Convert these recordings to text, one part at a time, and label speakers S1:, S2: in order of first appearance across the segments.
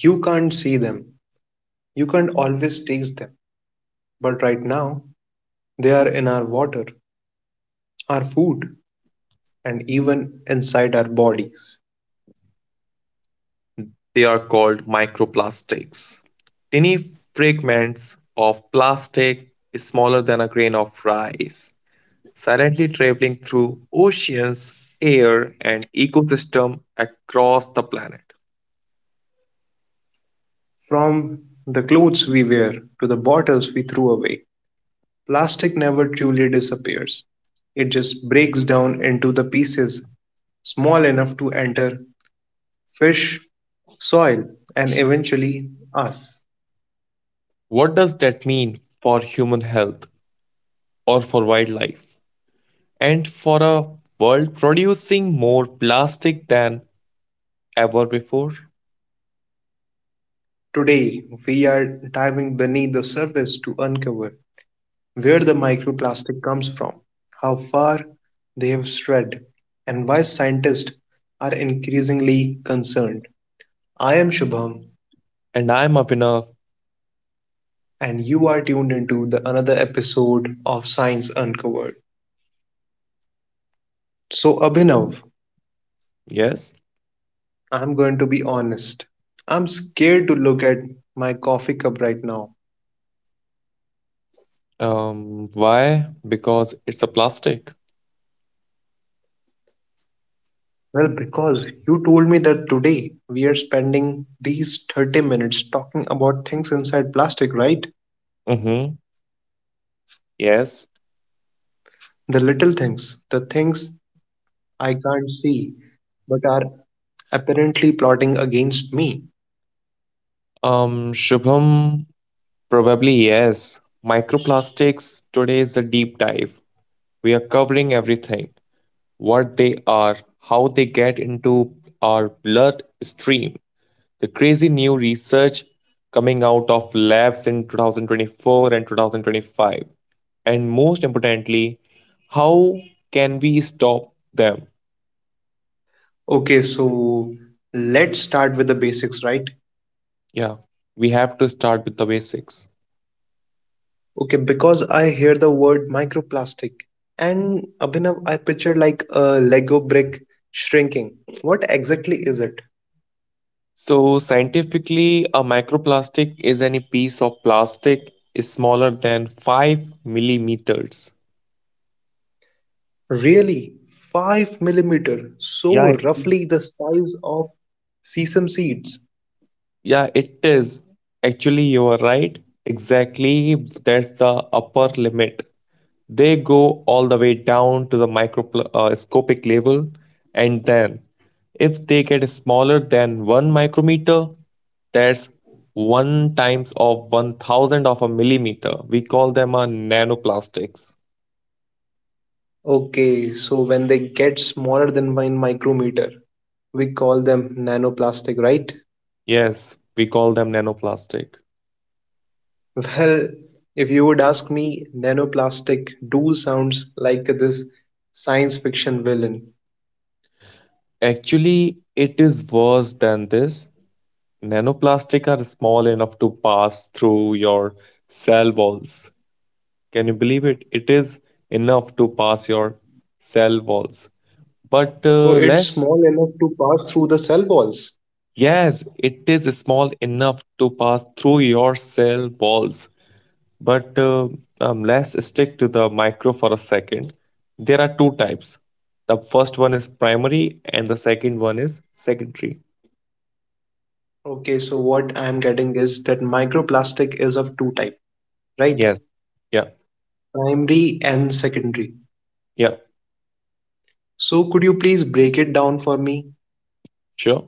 S1: You can't see them. You can't always taste them. But right now, they are in our water, our food, and even inside our bodies.
S2: They are called microplastics. Tiny fragments of plastic smaller than a grain of rice, silently traveling through oceans, air, and ecosystem across the planet.
S1: From the clothes we wear to the bottles we threw away, plastic never truly disappears. It just breaks down into the pieces small enough to enter fish, soil, and eventually us.
S2: What does that mean for human health or for wildlife? And for a world producing more plastic than ever before?
S1: Today, we are diving beneath the surface to uncover where the microplastic comes from, how far they have spread, and why scientists are increasingly concerned. I am Shubham,
S2: And I'm a winner.
S1: and you are tuned into the another episode of Science Uncovered. So, Abhinav,
S2: Yes.
S1: I'm going to be honest. I'm scared to look at my coffee cup right now.
S2: Why? Because it's a plastic.
S1: Well, because you told me that today we are spending these 30 minutes talking about things inside plastic, right?
S2: Mm-hmm. Yes.
S1: The little things, the things I can't see, but are apparently plotting against me.
S2: Shubham, probably yes. Microplastics today is a deep dive. We are covering everything what they are, how they get into our blood stream, the crazy new research coming out of labs in 2024 and 2025, and most importantly, how can we stop them?
S1: Okay, so let's start with the basics, right?
S2: Yeah, we have to start with the basics.
S1: Okay, because I hear the word microplastic and Abhinav, I picture like a Lego brick shrinking. What exactly is it?
S2: So, scientifically, a microplastic is any piece of plastic is smaller than 5 millimeters.
S1: Really? 5 millimeter,
S2: Yeah,
S1: so
S2: it is.
S1: roughly the size of sesame seeds.
S2: Yeah, it is. Actually, you are right. Exactly, that's the upper limit. They go all the way down to the microscopic level, and then if they get smaller than 1 micrometer, that's 1 times of 1000 of a millimeter. We call them a nanoplastics.
S1: Okay, so when they get smaller than 1 micrometer, we call them nanoplastic, right?
S2: Yes, we call them nanoplastic.
S1: Well, if you would ask me, nanoplastic do sounds like this science fiction villain.
S2: Actually, it is worse than this. Nanoplastic are small enough to pass through your cell walls. Can you believe it? It is enough to pass your cell walls. But
S1: So it's
S2: let
S1: small enough to pass through the cell walls.
S2: yes, it is small enough to pass through your cell walls. But Let's stick to the micro for a second. There are two types. The first one is primary, and the second one is secondary.
S1: Okay, so what I'm getting is that microplastic is of two type, right?
S2: Yes, yeah,
S1: Primary and secondary.
S2: yeah,
S1: So could you please break it down for me?
S2: sure.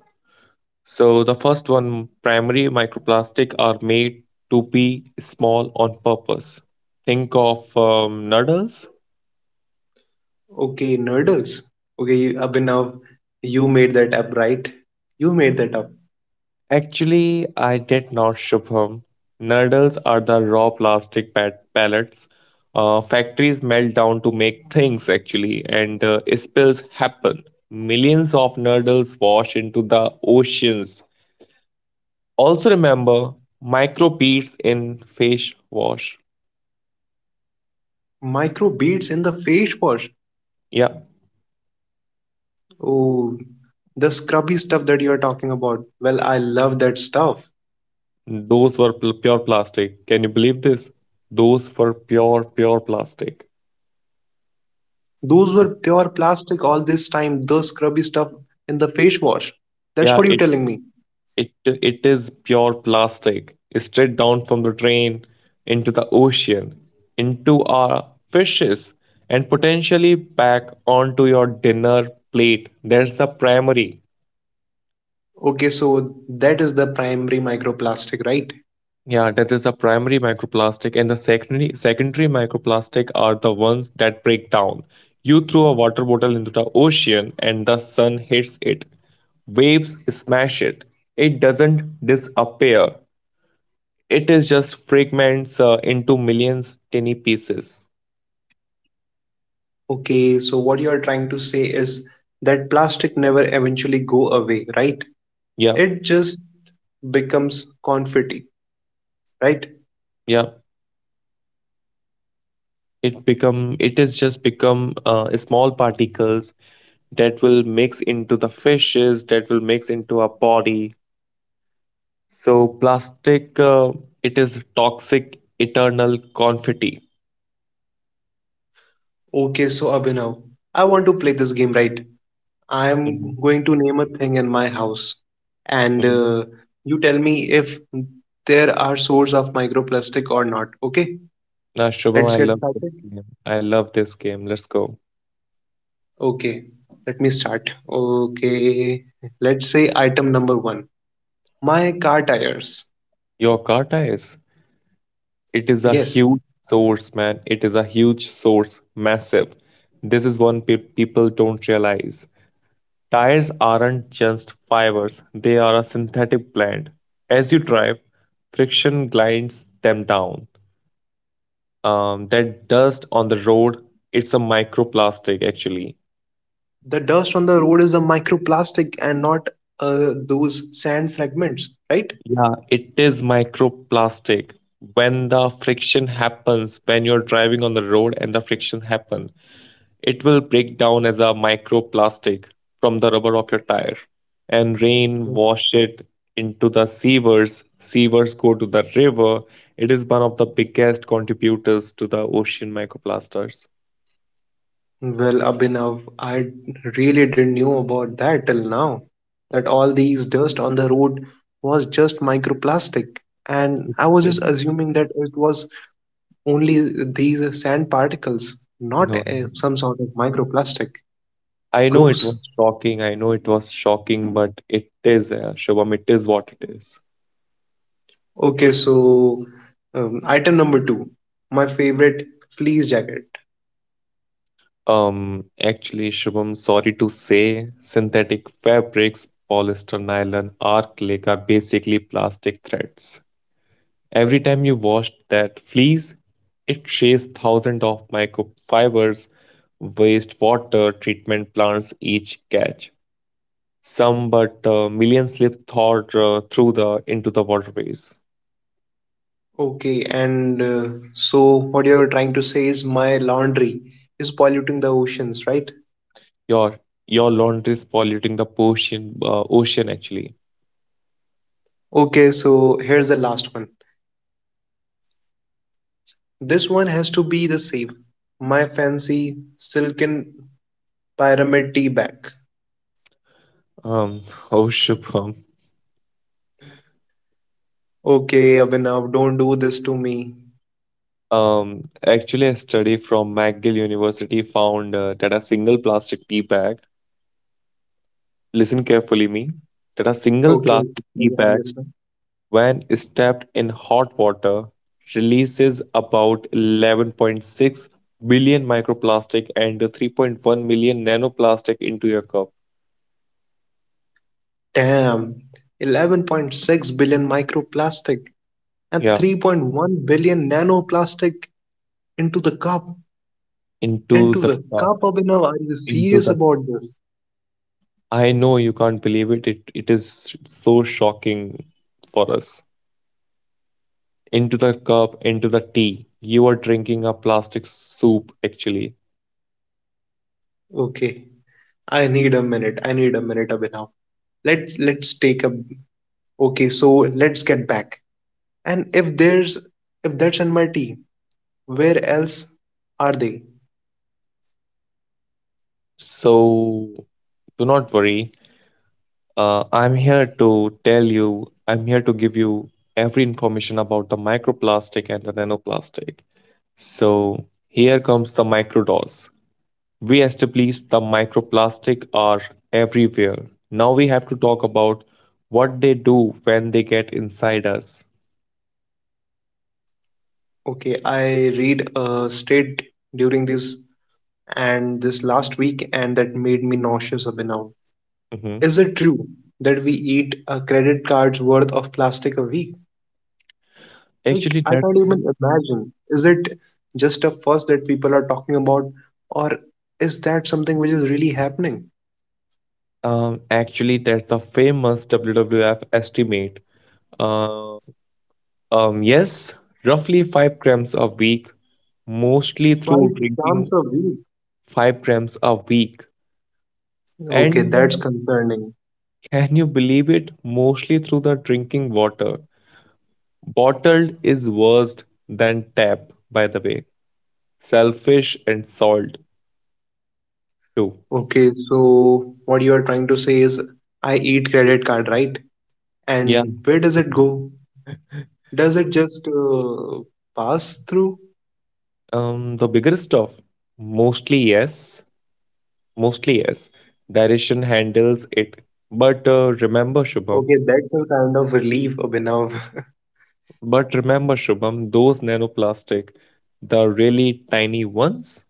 S2: So the first one, primary microplastic, are made to be small on purpose. Think of noodles
S1: Okay, nerdles. Okay, Abhinav, you made that up, right? You made that up.
S2: Actually, I did not, Shubham. Noodles are the raw plastic pellets. Factories melt down to make things, actually, and spills happen. Millions of noodles wash into the oceans. Also, remember microbeads in face wash.
S1: Micro beads in the face wash.
S2: Yeah,
S1: Oh, the scrubby stuff that you're talking about. Well, I love that stuff.
S2: those were pure plastic. Can you believe this? Those were pure plastic.
S1: Those
S2: It's-
S1: were pure plastic all this time, the scrubby stuff in the face wash. That's
S2: Yeah,
S1: what you're
S2: it
S1: telling me.
S2: It it is pure plastic, straight down from the train into the ocean, into our fishes, and potentially back onto your dinner plate. That's the primary.
S1: Okay, so that is the primary microplastic, right?
S2: Yeah, that is the primary microplastic, and the secondary microplastic are the ones that break down. You throw a water bottle into the ocean, and the sun hits it. Waves smash it. It doesn't disappear. It is just fragments into millions tiny pieces.
S1: Okay, so what you're trying to say is that plastic never eventually go away, right?
S2: yeah
S1: It just becomes confetti, right?
S2: yeah it is just become small particles that will mix into the fishes, that will mix into our body. So plastic, it is toxic eternal confetti.
S1: Okay, so Abhinav, I want to play this game, right? I'm
S2: hmm
S1: going to name a thing in my house, and
S2: hmm
S1: uh, you tell me if there are source of microplastic or not. Okay,
S2: now, Shubham,
S1: let's
S2: I
S1: get
S2: love this
S1: started.
S2: game, let's go.
S1: Okay, let me start. Okay, let's say item number one. My car tires.
S2: Your car tires. It is a
S1: Yes,
S2: huge source, man. It is a huge source, massive. This is one people don't realize. Tires aren't just fibers, they are a synthetic blend. As you drive, friction grinds them down. That dust on the road, it's a microplastic actually.
S1: the dust on the road is the microplastic and not those sand fragments, right?
S2: Yeah, it is microplastic. When the friction happens, when you're driving on the road and the friction happens, it will break down as a microplastic from the rubber of your tire. And rain wash it into the sewers. Sewers go to the river. It is one of the biggest contributors to the ocean microplasters.
S1: Well, Abhinav, I really didn't know about that till now. That all these dust on the road was just microplastic, and I was
S2: Eh,
S1: just assuming that it was only these sand particles, not
S2: No,
S1: some sort of microplastic.
S2: I know it
S1: Gross.
S2: was shocking. I know it was shocking, but it is, Shubham, it is what it is.
S1: Okay, so item number two, my favorite fleece jacket.
S2: Um, Actually, Shubham, sorry to say, synthetic fabrics, polyester, nylon, acrylic are basically plastic threads. Every time you wash that fleece, it shaves thousands of microfibers, wastewater treatment plants each catch. Some but millions slip thought through the into the waterways.
S1: Okay, and so what you're trying to say is my laundry is polluting the oceans, right?
S2: Your your laundry is polluting the ocean. Ocean actually.
S1: Okay, so here's the last one. This one has to be the same. My fancy silken pyramid tea bag.
S2: Um, oh Shubham.
S1: Okay, Abhinav, don't do this to me.
S2: Actually, a study from McGill University found that a single plastic tea bag. Listen carefully, me. That a single
S1: Okay,
S2: plastic tea
S1: okay, I'm
S2: bag
S1: listening.
S2: when stepped in hot water, releases about 11.6 billion microplastic and 3.1 million nanoplastic into your cup.
S1: Damn, 11.6 billion microplastic and
S2: Yeah,
S1: 3.1 billion nanoplastic into the cup.
S2: into
S1: Into
S2: the
S1: the
S2: cup.
S1: cup, Abhinav, are you
S2: Into
S1: serious
S2: the.
S1: about this?
S2: I know you can't believe it. It is so shocking for us. Into the cup, into the tea. You are drinking a plastic soup, actually.
S1: Okay, I need a minute. I need a minute, Abhinav. Let's take a okay, so let's get back. And if that's in my tea, where else are they?
S2: So do not worry. I'm here to tell you, I'm here to give you every information about the microplastic and the nanoplastic. So, here comes the microdose. We established the microplastic are everywhere. Now we have to talk about what they do when they get inside us.
S1: Okay, I read a state during this and this last week and that made me nauseous up now.
S2: Mhm.
S1: Is it true that we eat a credit card's worth of plastic a week? Like
S2: Actually,
S1: I
S2: that's
S1: can't even
S2: the-
S1: imagine. Is it just a fuss that people are talking about or is that something which is really happening?
S2: Actually, that's the famous WWF estimate. Uh, yes, roughly 5 grams a week, mostly
S1: Five
S2: through drinking
S1: grams a week.
S2: 5 grams a week.
S1: Okay,
S2: And
S1: that's concerning.
S2: Can you believe it? Mostly through the drinking water. Bottled is worse than tap, by the way. Selfish and salt too.
S1: Okay, so what you are trying to say is I eat credit card, right?
S2: Yeah.
S1: And where does it go? Does it just pass through?
S2: The bigger stuff, mostly yes, mostly yes. Direction handles it. But uh, remember, Shubham,
S1: Okay, that's a kind of relief, Abhinav.
S2: But remember, Shubham, those nanoplastic, the really tiny ones,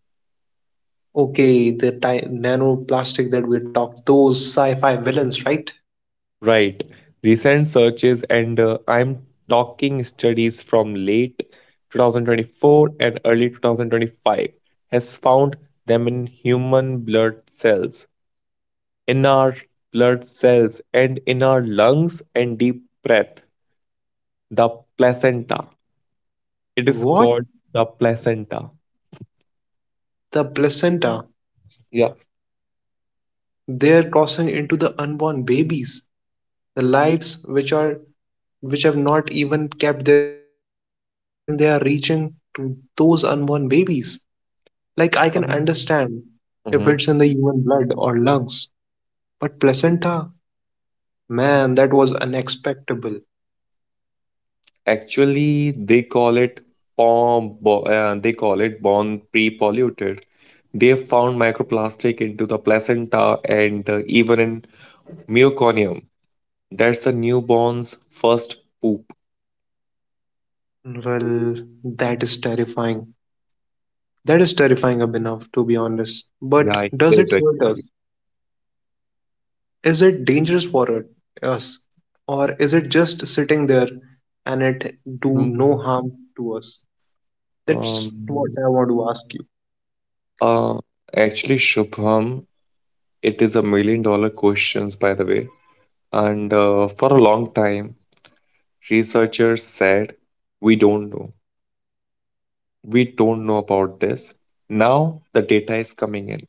S1: Okay, the ti nanoplastic that we talked, those sci-fi villains, right?
S2: right? Recent searches, and I'm talking studies from late 2024 and early 2025, has found them in human blood cells, in our blood cells, and in our lungs and deep breath. The placenta. It is
S1: What?
S2: called the placenta.
S1: The placenta.
S2: Yeah.
S1: They're crossing into the unborn babies, the lives which have not even kept their first feet on the earth, and they are reaching to those unborn babies. Like, I can
S2: Um,
S1: understand if it's in the human blood or lungs, but placenta? Man, that was unexpectable.
S2: Actually, they call it they call it born pre-polluted. They have found microplastic into the placenta and even in meconium. That's a newborn's first poop.
S1: Well, that is terrifying. That is terrifying enough, to be honest. But
S2: Yeah, it
S1: does it
S2: is
S1: hurt
S2: actually.
S1: us? Is it dangerous us? Or is it just sitting there and it do
S2: Hmm.
S1: no harm to us? That's what
S2: Um,
S1: I want to ask you.
S2: uh, Actually, Shubham, it is a million dollar questions, by the way. And For a long time, researchers said we don't know. We don't know about this. Now the data is coming in.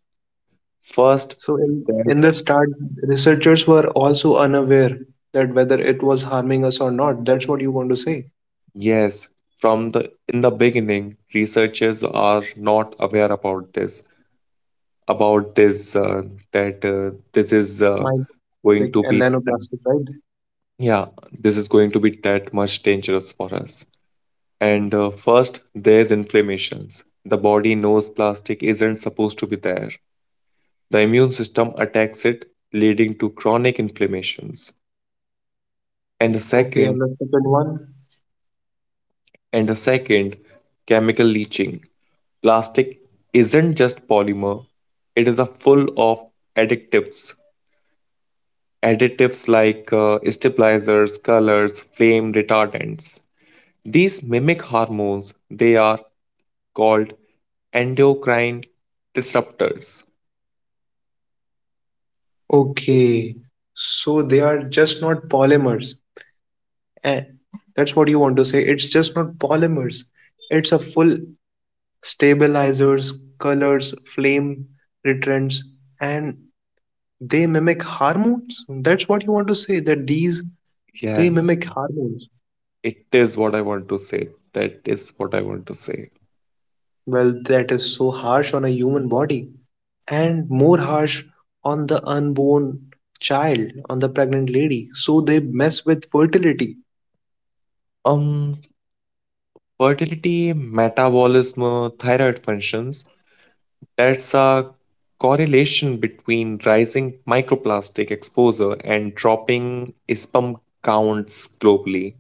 S2: First,
S1: So in the
S2: that's
S1: start, researchers were also unaware that whether it was harming us or not. That's what you want to say.
S2: Yes, from the in the beginning, researchers are not aware about this that this is going
S1: Microplastic
S2: to
S1: and
S2: be
S1: nanoplastic, right?
S2: yeah, this is going to be that much dangerous for us. And first, there's inflammations. The body knows plastic isn't supposed to be there. The immune system attacks it, leading to chronic inflammations. and the
S1: Okay,
S2: second
S1: and the second one.
S2: and the second, chemical leaching. Plastic isn't just polymer, it is a full of additives additives like stabilizers, colors, flame retardants. These mimic hormones. They are called endocrine disruptors.
S1: Okay. So they are just not polymers. And that's what you want to say. It's just not polymers. It's a full stabilizers, colors, flame retrants, and they mimic hormones. That's what you want to say, that these they
S2: Yes,
S1: mimic hormones.
S2: it is what I want to say. That is what I want to say
S1: Well, that is so harsh on a human body, and more harsh on the unborn child, on the pregnant lady. So they mess with fertility.
S2: Um, fertility, metabolism, thyroid functions. That's a correlation between rising microplastic exposure and dropping ISPM counts globally.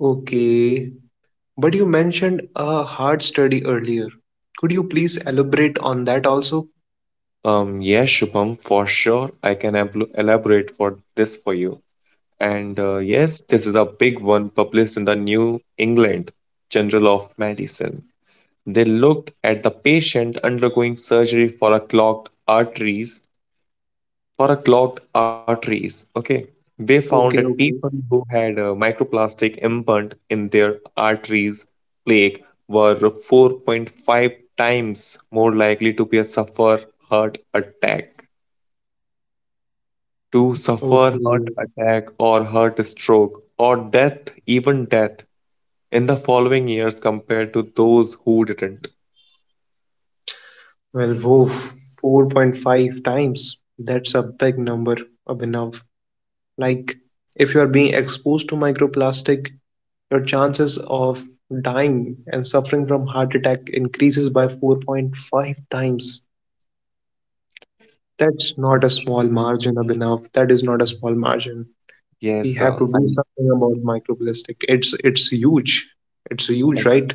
S1: Okay, but you mentioned a heart study earlier. Could you please elaborate on that also?
S2: Yes, Shubham, for sure. I can elaborate for this for you. And Yes, this is a big one published in the New England Journal of Medicine. They looked at the patient undergoing surgery for a clogged arteries. Okay, they found that
S1: Okay,
S2: people
S1: okay,
S2: who had microplastic implant in their arteries plaque were 4.5 times more likely to be a suffer heart attack, to suffer heart
S1: okay.
S2: attack or heart stroke or death, even death in the following years compared to those who didn't.
S1: Well, whoa, 4.5 times. That's a big number, Abhinav. Like, if you are being exposed to microplastic, your chances of dying and suffering from heart attack increases by 4.5 times. That's not a small margin, Abhinav. That is not a small margin.
S2: Yes,
S1: We have
S2: sir.
S1: to do
S2: I
S1: something about microplastic. It's huge. It's huge,
S2: agree.
S1: right?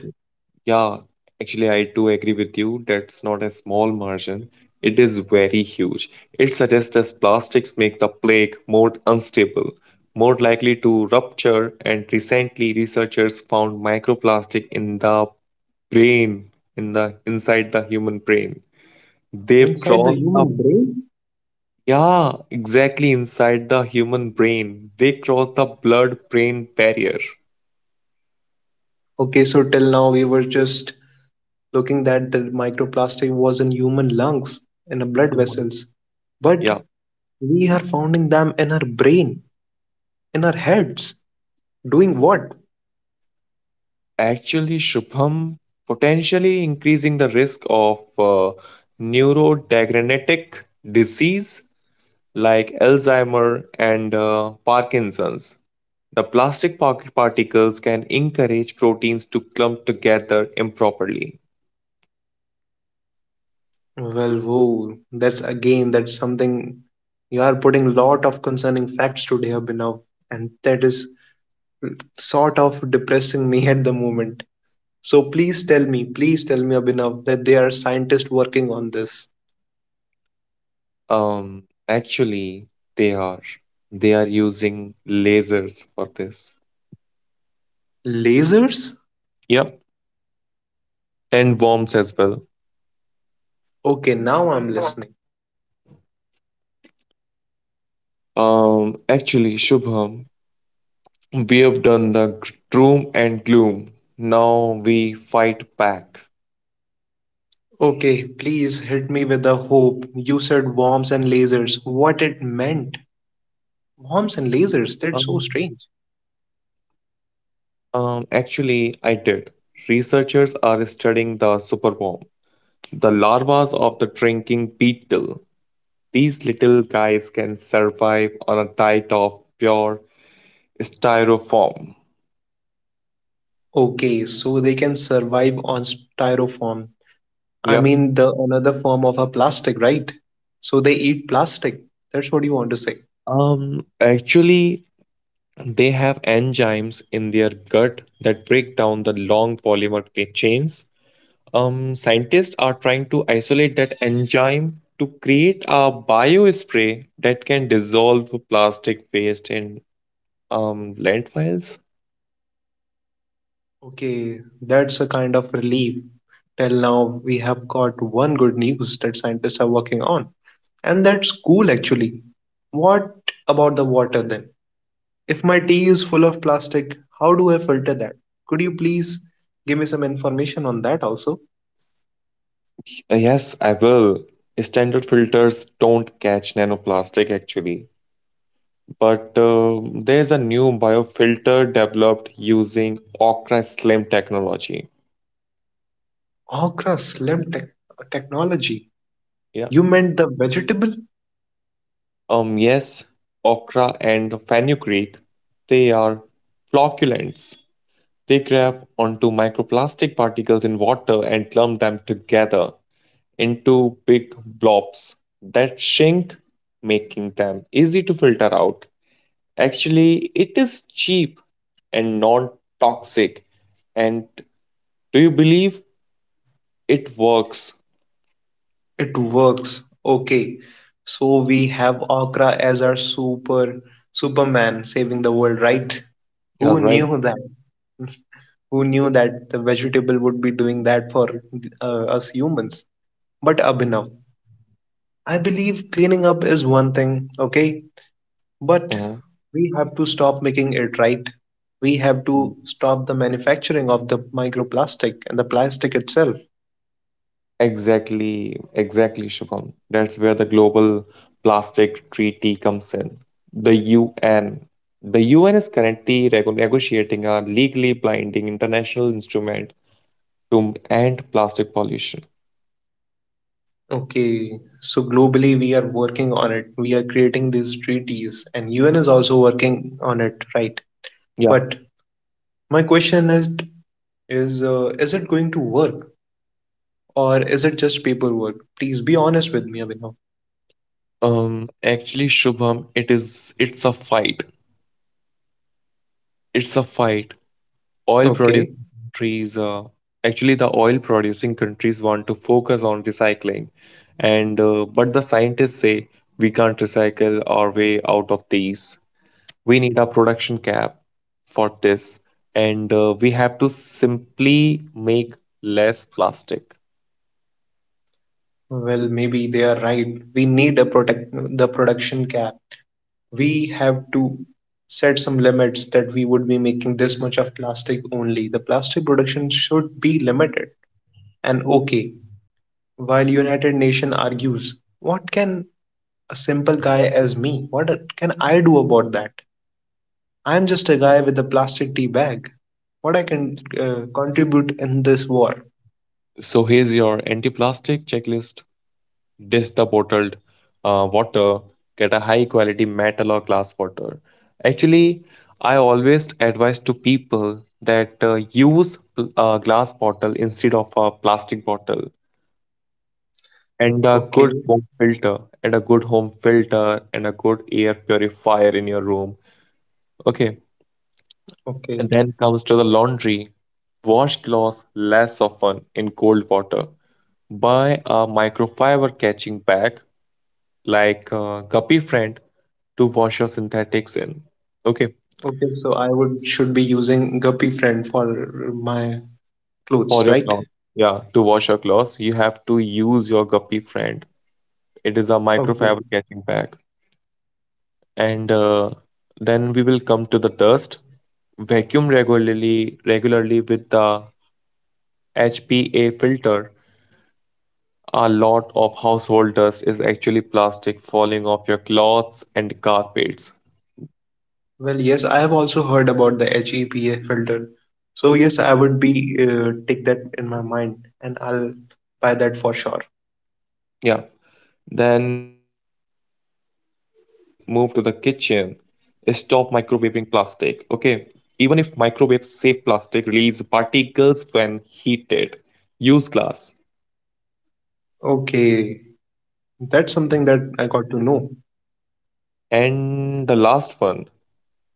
S2: Yeah, actually, I do agree with you. That's not a small margin. It is very huge. It suggests us plastics make the plague more unstable, more likely to rupture, and recently researchers found microplastic in the brain, in the inside the human brain. They've
S1: Inside the
S2: crossed the
S1: human brain.
S2: Yeah, exactly inside the human brain. They cross the blood-brain barrier.
S1: Okay, so till now we were just looking that the microplastic was in human lungs, in the blood
S2: Human.
S1: vessels. But
S2: Yeah.
S1: we are finding them in our brain, in our heads. Doing what?
S2: Actually, Shubham, potentially increasing the risk of neurodegenerative disease like Alzheimer and Parkinson's. The plastic pocket particles can encourage proteins to clump together improperly.
S1: Well, whoa, that's again, that's something you are putting lot of concerning facts today, Abhinav, and that is sort of depressing me at the moment. So please tell me, Abhinav, that there are scientists working on this.
S2: Actually, they are. They are using lasers for this.
S1: Lasers?
S2: Yep, and bombs as well.
S1: Okay, now I'm listening.
S2: Actually, Shubham, we have done the doom and gloom. Now we fight back.
S1: Okay, please hit me with the hope. You said worms and lasers. What it meant? Worms and
S2: Um,
S1: lasers, that's so strange.
S2: Actually, I did. Researchers are studying the superworm, the larvas of the drinking beetle. These little guys can survive on a diet of pure styrofoam.
S1: Okay, so they can survive on styrofoam. I
S2: Yep.
S1: mean the another form of a plastic, right? So they eat plastic. That's what you want to say.
S2: Actually, they have enzymes in their gut that break down the long polymer chains. Scientists are trying to isolate that enzyme to create a biospray that can dissolve plastic waste in landfills.
S1: Okay, that's a kind of relief. Till now, we have got one good news that scientists are working on, and that's cool actually. What about the water then? If my tea is full of plastic, how do I filter that? Could you please give me some information on that also?
S2: Yes, I will. Standard filters don't catch nanoplastic actually, but there's a new biofilter developed using Okra Slim technology.
S1: Okra slim technology.
S2: Yeah.
S1: You meant the vegetable?
S2: Yes, Okra and fenugreek, they are flocculants. They grab onto microplastic particles in water and clump them together into big blobs that shrink, making them easy to filter out. Actually, it is cheap and non toxic. And do you believe it works?
S1: It works. Okay. So we have Okra as our super Superman saving the world, right?
S2: You're
S1: Who
S2: right.
S1: knew that? Who knew that the vegetable would be doing that for us humans? But Abhinav, I believe cleaning up is one thing, okay? But
S2: Mhm.
S1: we have to stop making it right. We have to stop the manufacturing of the microplastic and the plastic itself.
S2: Exactly, Shubham. That's where the Global Plastic Treaty comes in. The UN. The UN is currently negotiating a legally binding international instrument to end plastic pollution.
S1: Okay, so globally we are working on it. We are creating these treaties, and UN is also working on it, right?
S2: Yeah.
S1: But my question is, is it going to work or is it just paperwork? Please be honest with me, Abhinav.
S2: Actually, Shubham, it's a fight. It's a fight. Oil
S1: Okay,
S2: producing countries, actually the oil producing countries want to focus on recycling, and but the scientists say we can't recycle our way out of these. We need a production cap for this, and we have to simply make less plastic.
S1: well maybe they are right. We need a protect the production cap. We have to set some limits that we would be making this much of plastic only. The plastic production should be limited. And okay, while United Nation argues, what can a simple guy as me, what can I do about that? I am just a guy with a plastic tea bag. What I can contribute in this war?
S2: So here's your anti-plastic checklist. Dish the bottled water, get a high quality metal or glass water. Actually, I always advise to people that use a glass bottle instead of a plastic bottle and a good
S1: Okay,
S2: home filter and a good air purifier in your room. Okay,
S1: okay,
S2: and then comes to the laundry. Wash clothes less often in cold water. Buy a microfiber catching bag like Guppy Friend to wash your synthetics in. Okay,
S1: okay. So I would should be using Guppy Friend for my
S2: for
S1: clothes,
S2: your
S1: right?
S2: cloth, yeah, to wash your clothes, you have to use your guppy friend. It is a
S1: Okay.
S2: microfabricating bag. And Then we will come to the dust. Regularly with the HPA filter. A lot of household dust is actually plastic falling off your clothes and carpets.
S1: Well, yes, I have also heard about the HEPA filter. So yes, I would be take that in my mind, and I'll buy that for sure.
S2: Yeah, then we will move to the kitchen. Stop microwaving plastic. Okay. Even if microwave safe plastic release particles when heated, use glass.
S1: Okay. That's something that I got to know.
S2: And the last one,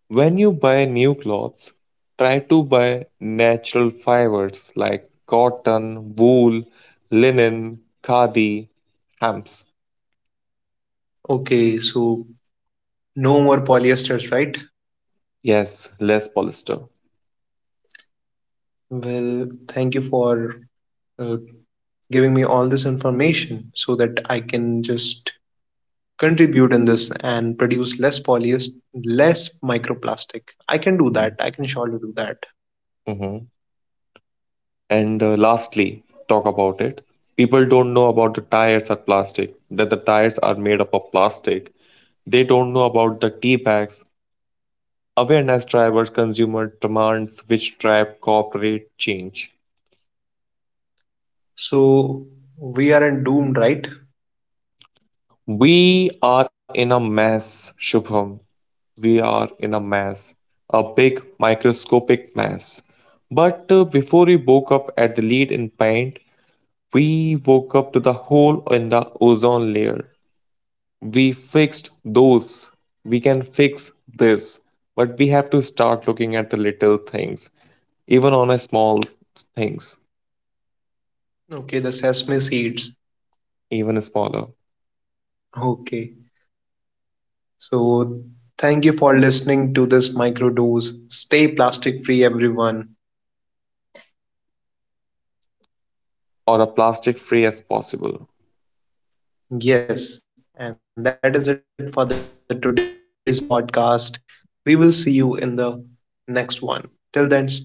S2: when you buy new clothes, try to buy natural fibers like cotton, wool, linen, khadi, hams.
S1: Okay, so no more polyesters, right?
S2: Yes, less polyester.
S1: Well, thank you for uh, giving me all this information so that I can just contribute in this and produce less polyester, less microplastic. I can do that. I can surely do that.
S2: Mhm. And Lastly, talk about it. People don't know about the tires are plastic, that the tires are made up of plastic. They don't know about the tea bags, awareness drivers, consumer demands, which drive corporate change.
S1: So we aren't doomed, right?
S2: We are in a mess, Shubham. We are in a mess, a big microscopic mess. But Before we woke up at the lead in paint, we woke up to the hole in the ozone layer. We fixed those. We can fix this, but we have to start looking at the little things, even on a small things,
S1: Okay, the sesame seeds.
S2: even smaller,
S1: Okay, so thank you for listening to this microdose. Stay plastic free, everyone.
S2: or a plastic free as possible.
S1: Yes, and that is it for the today's podcast. We will see you in the next one. Till then, stay tuned and stay amazing.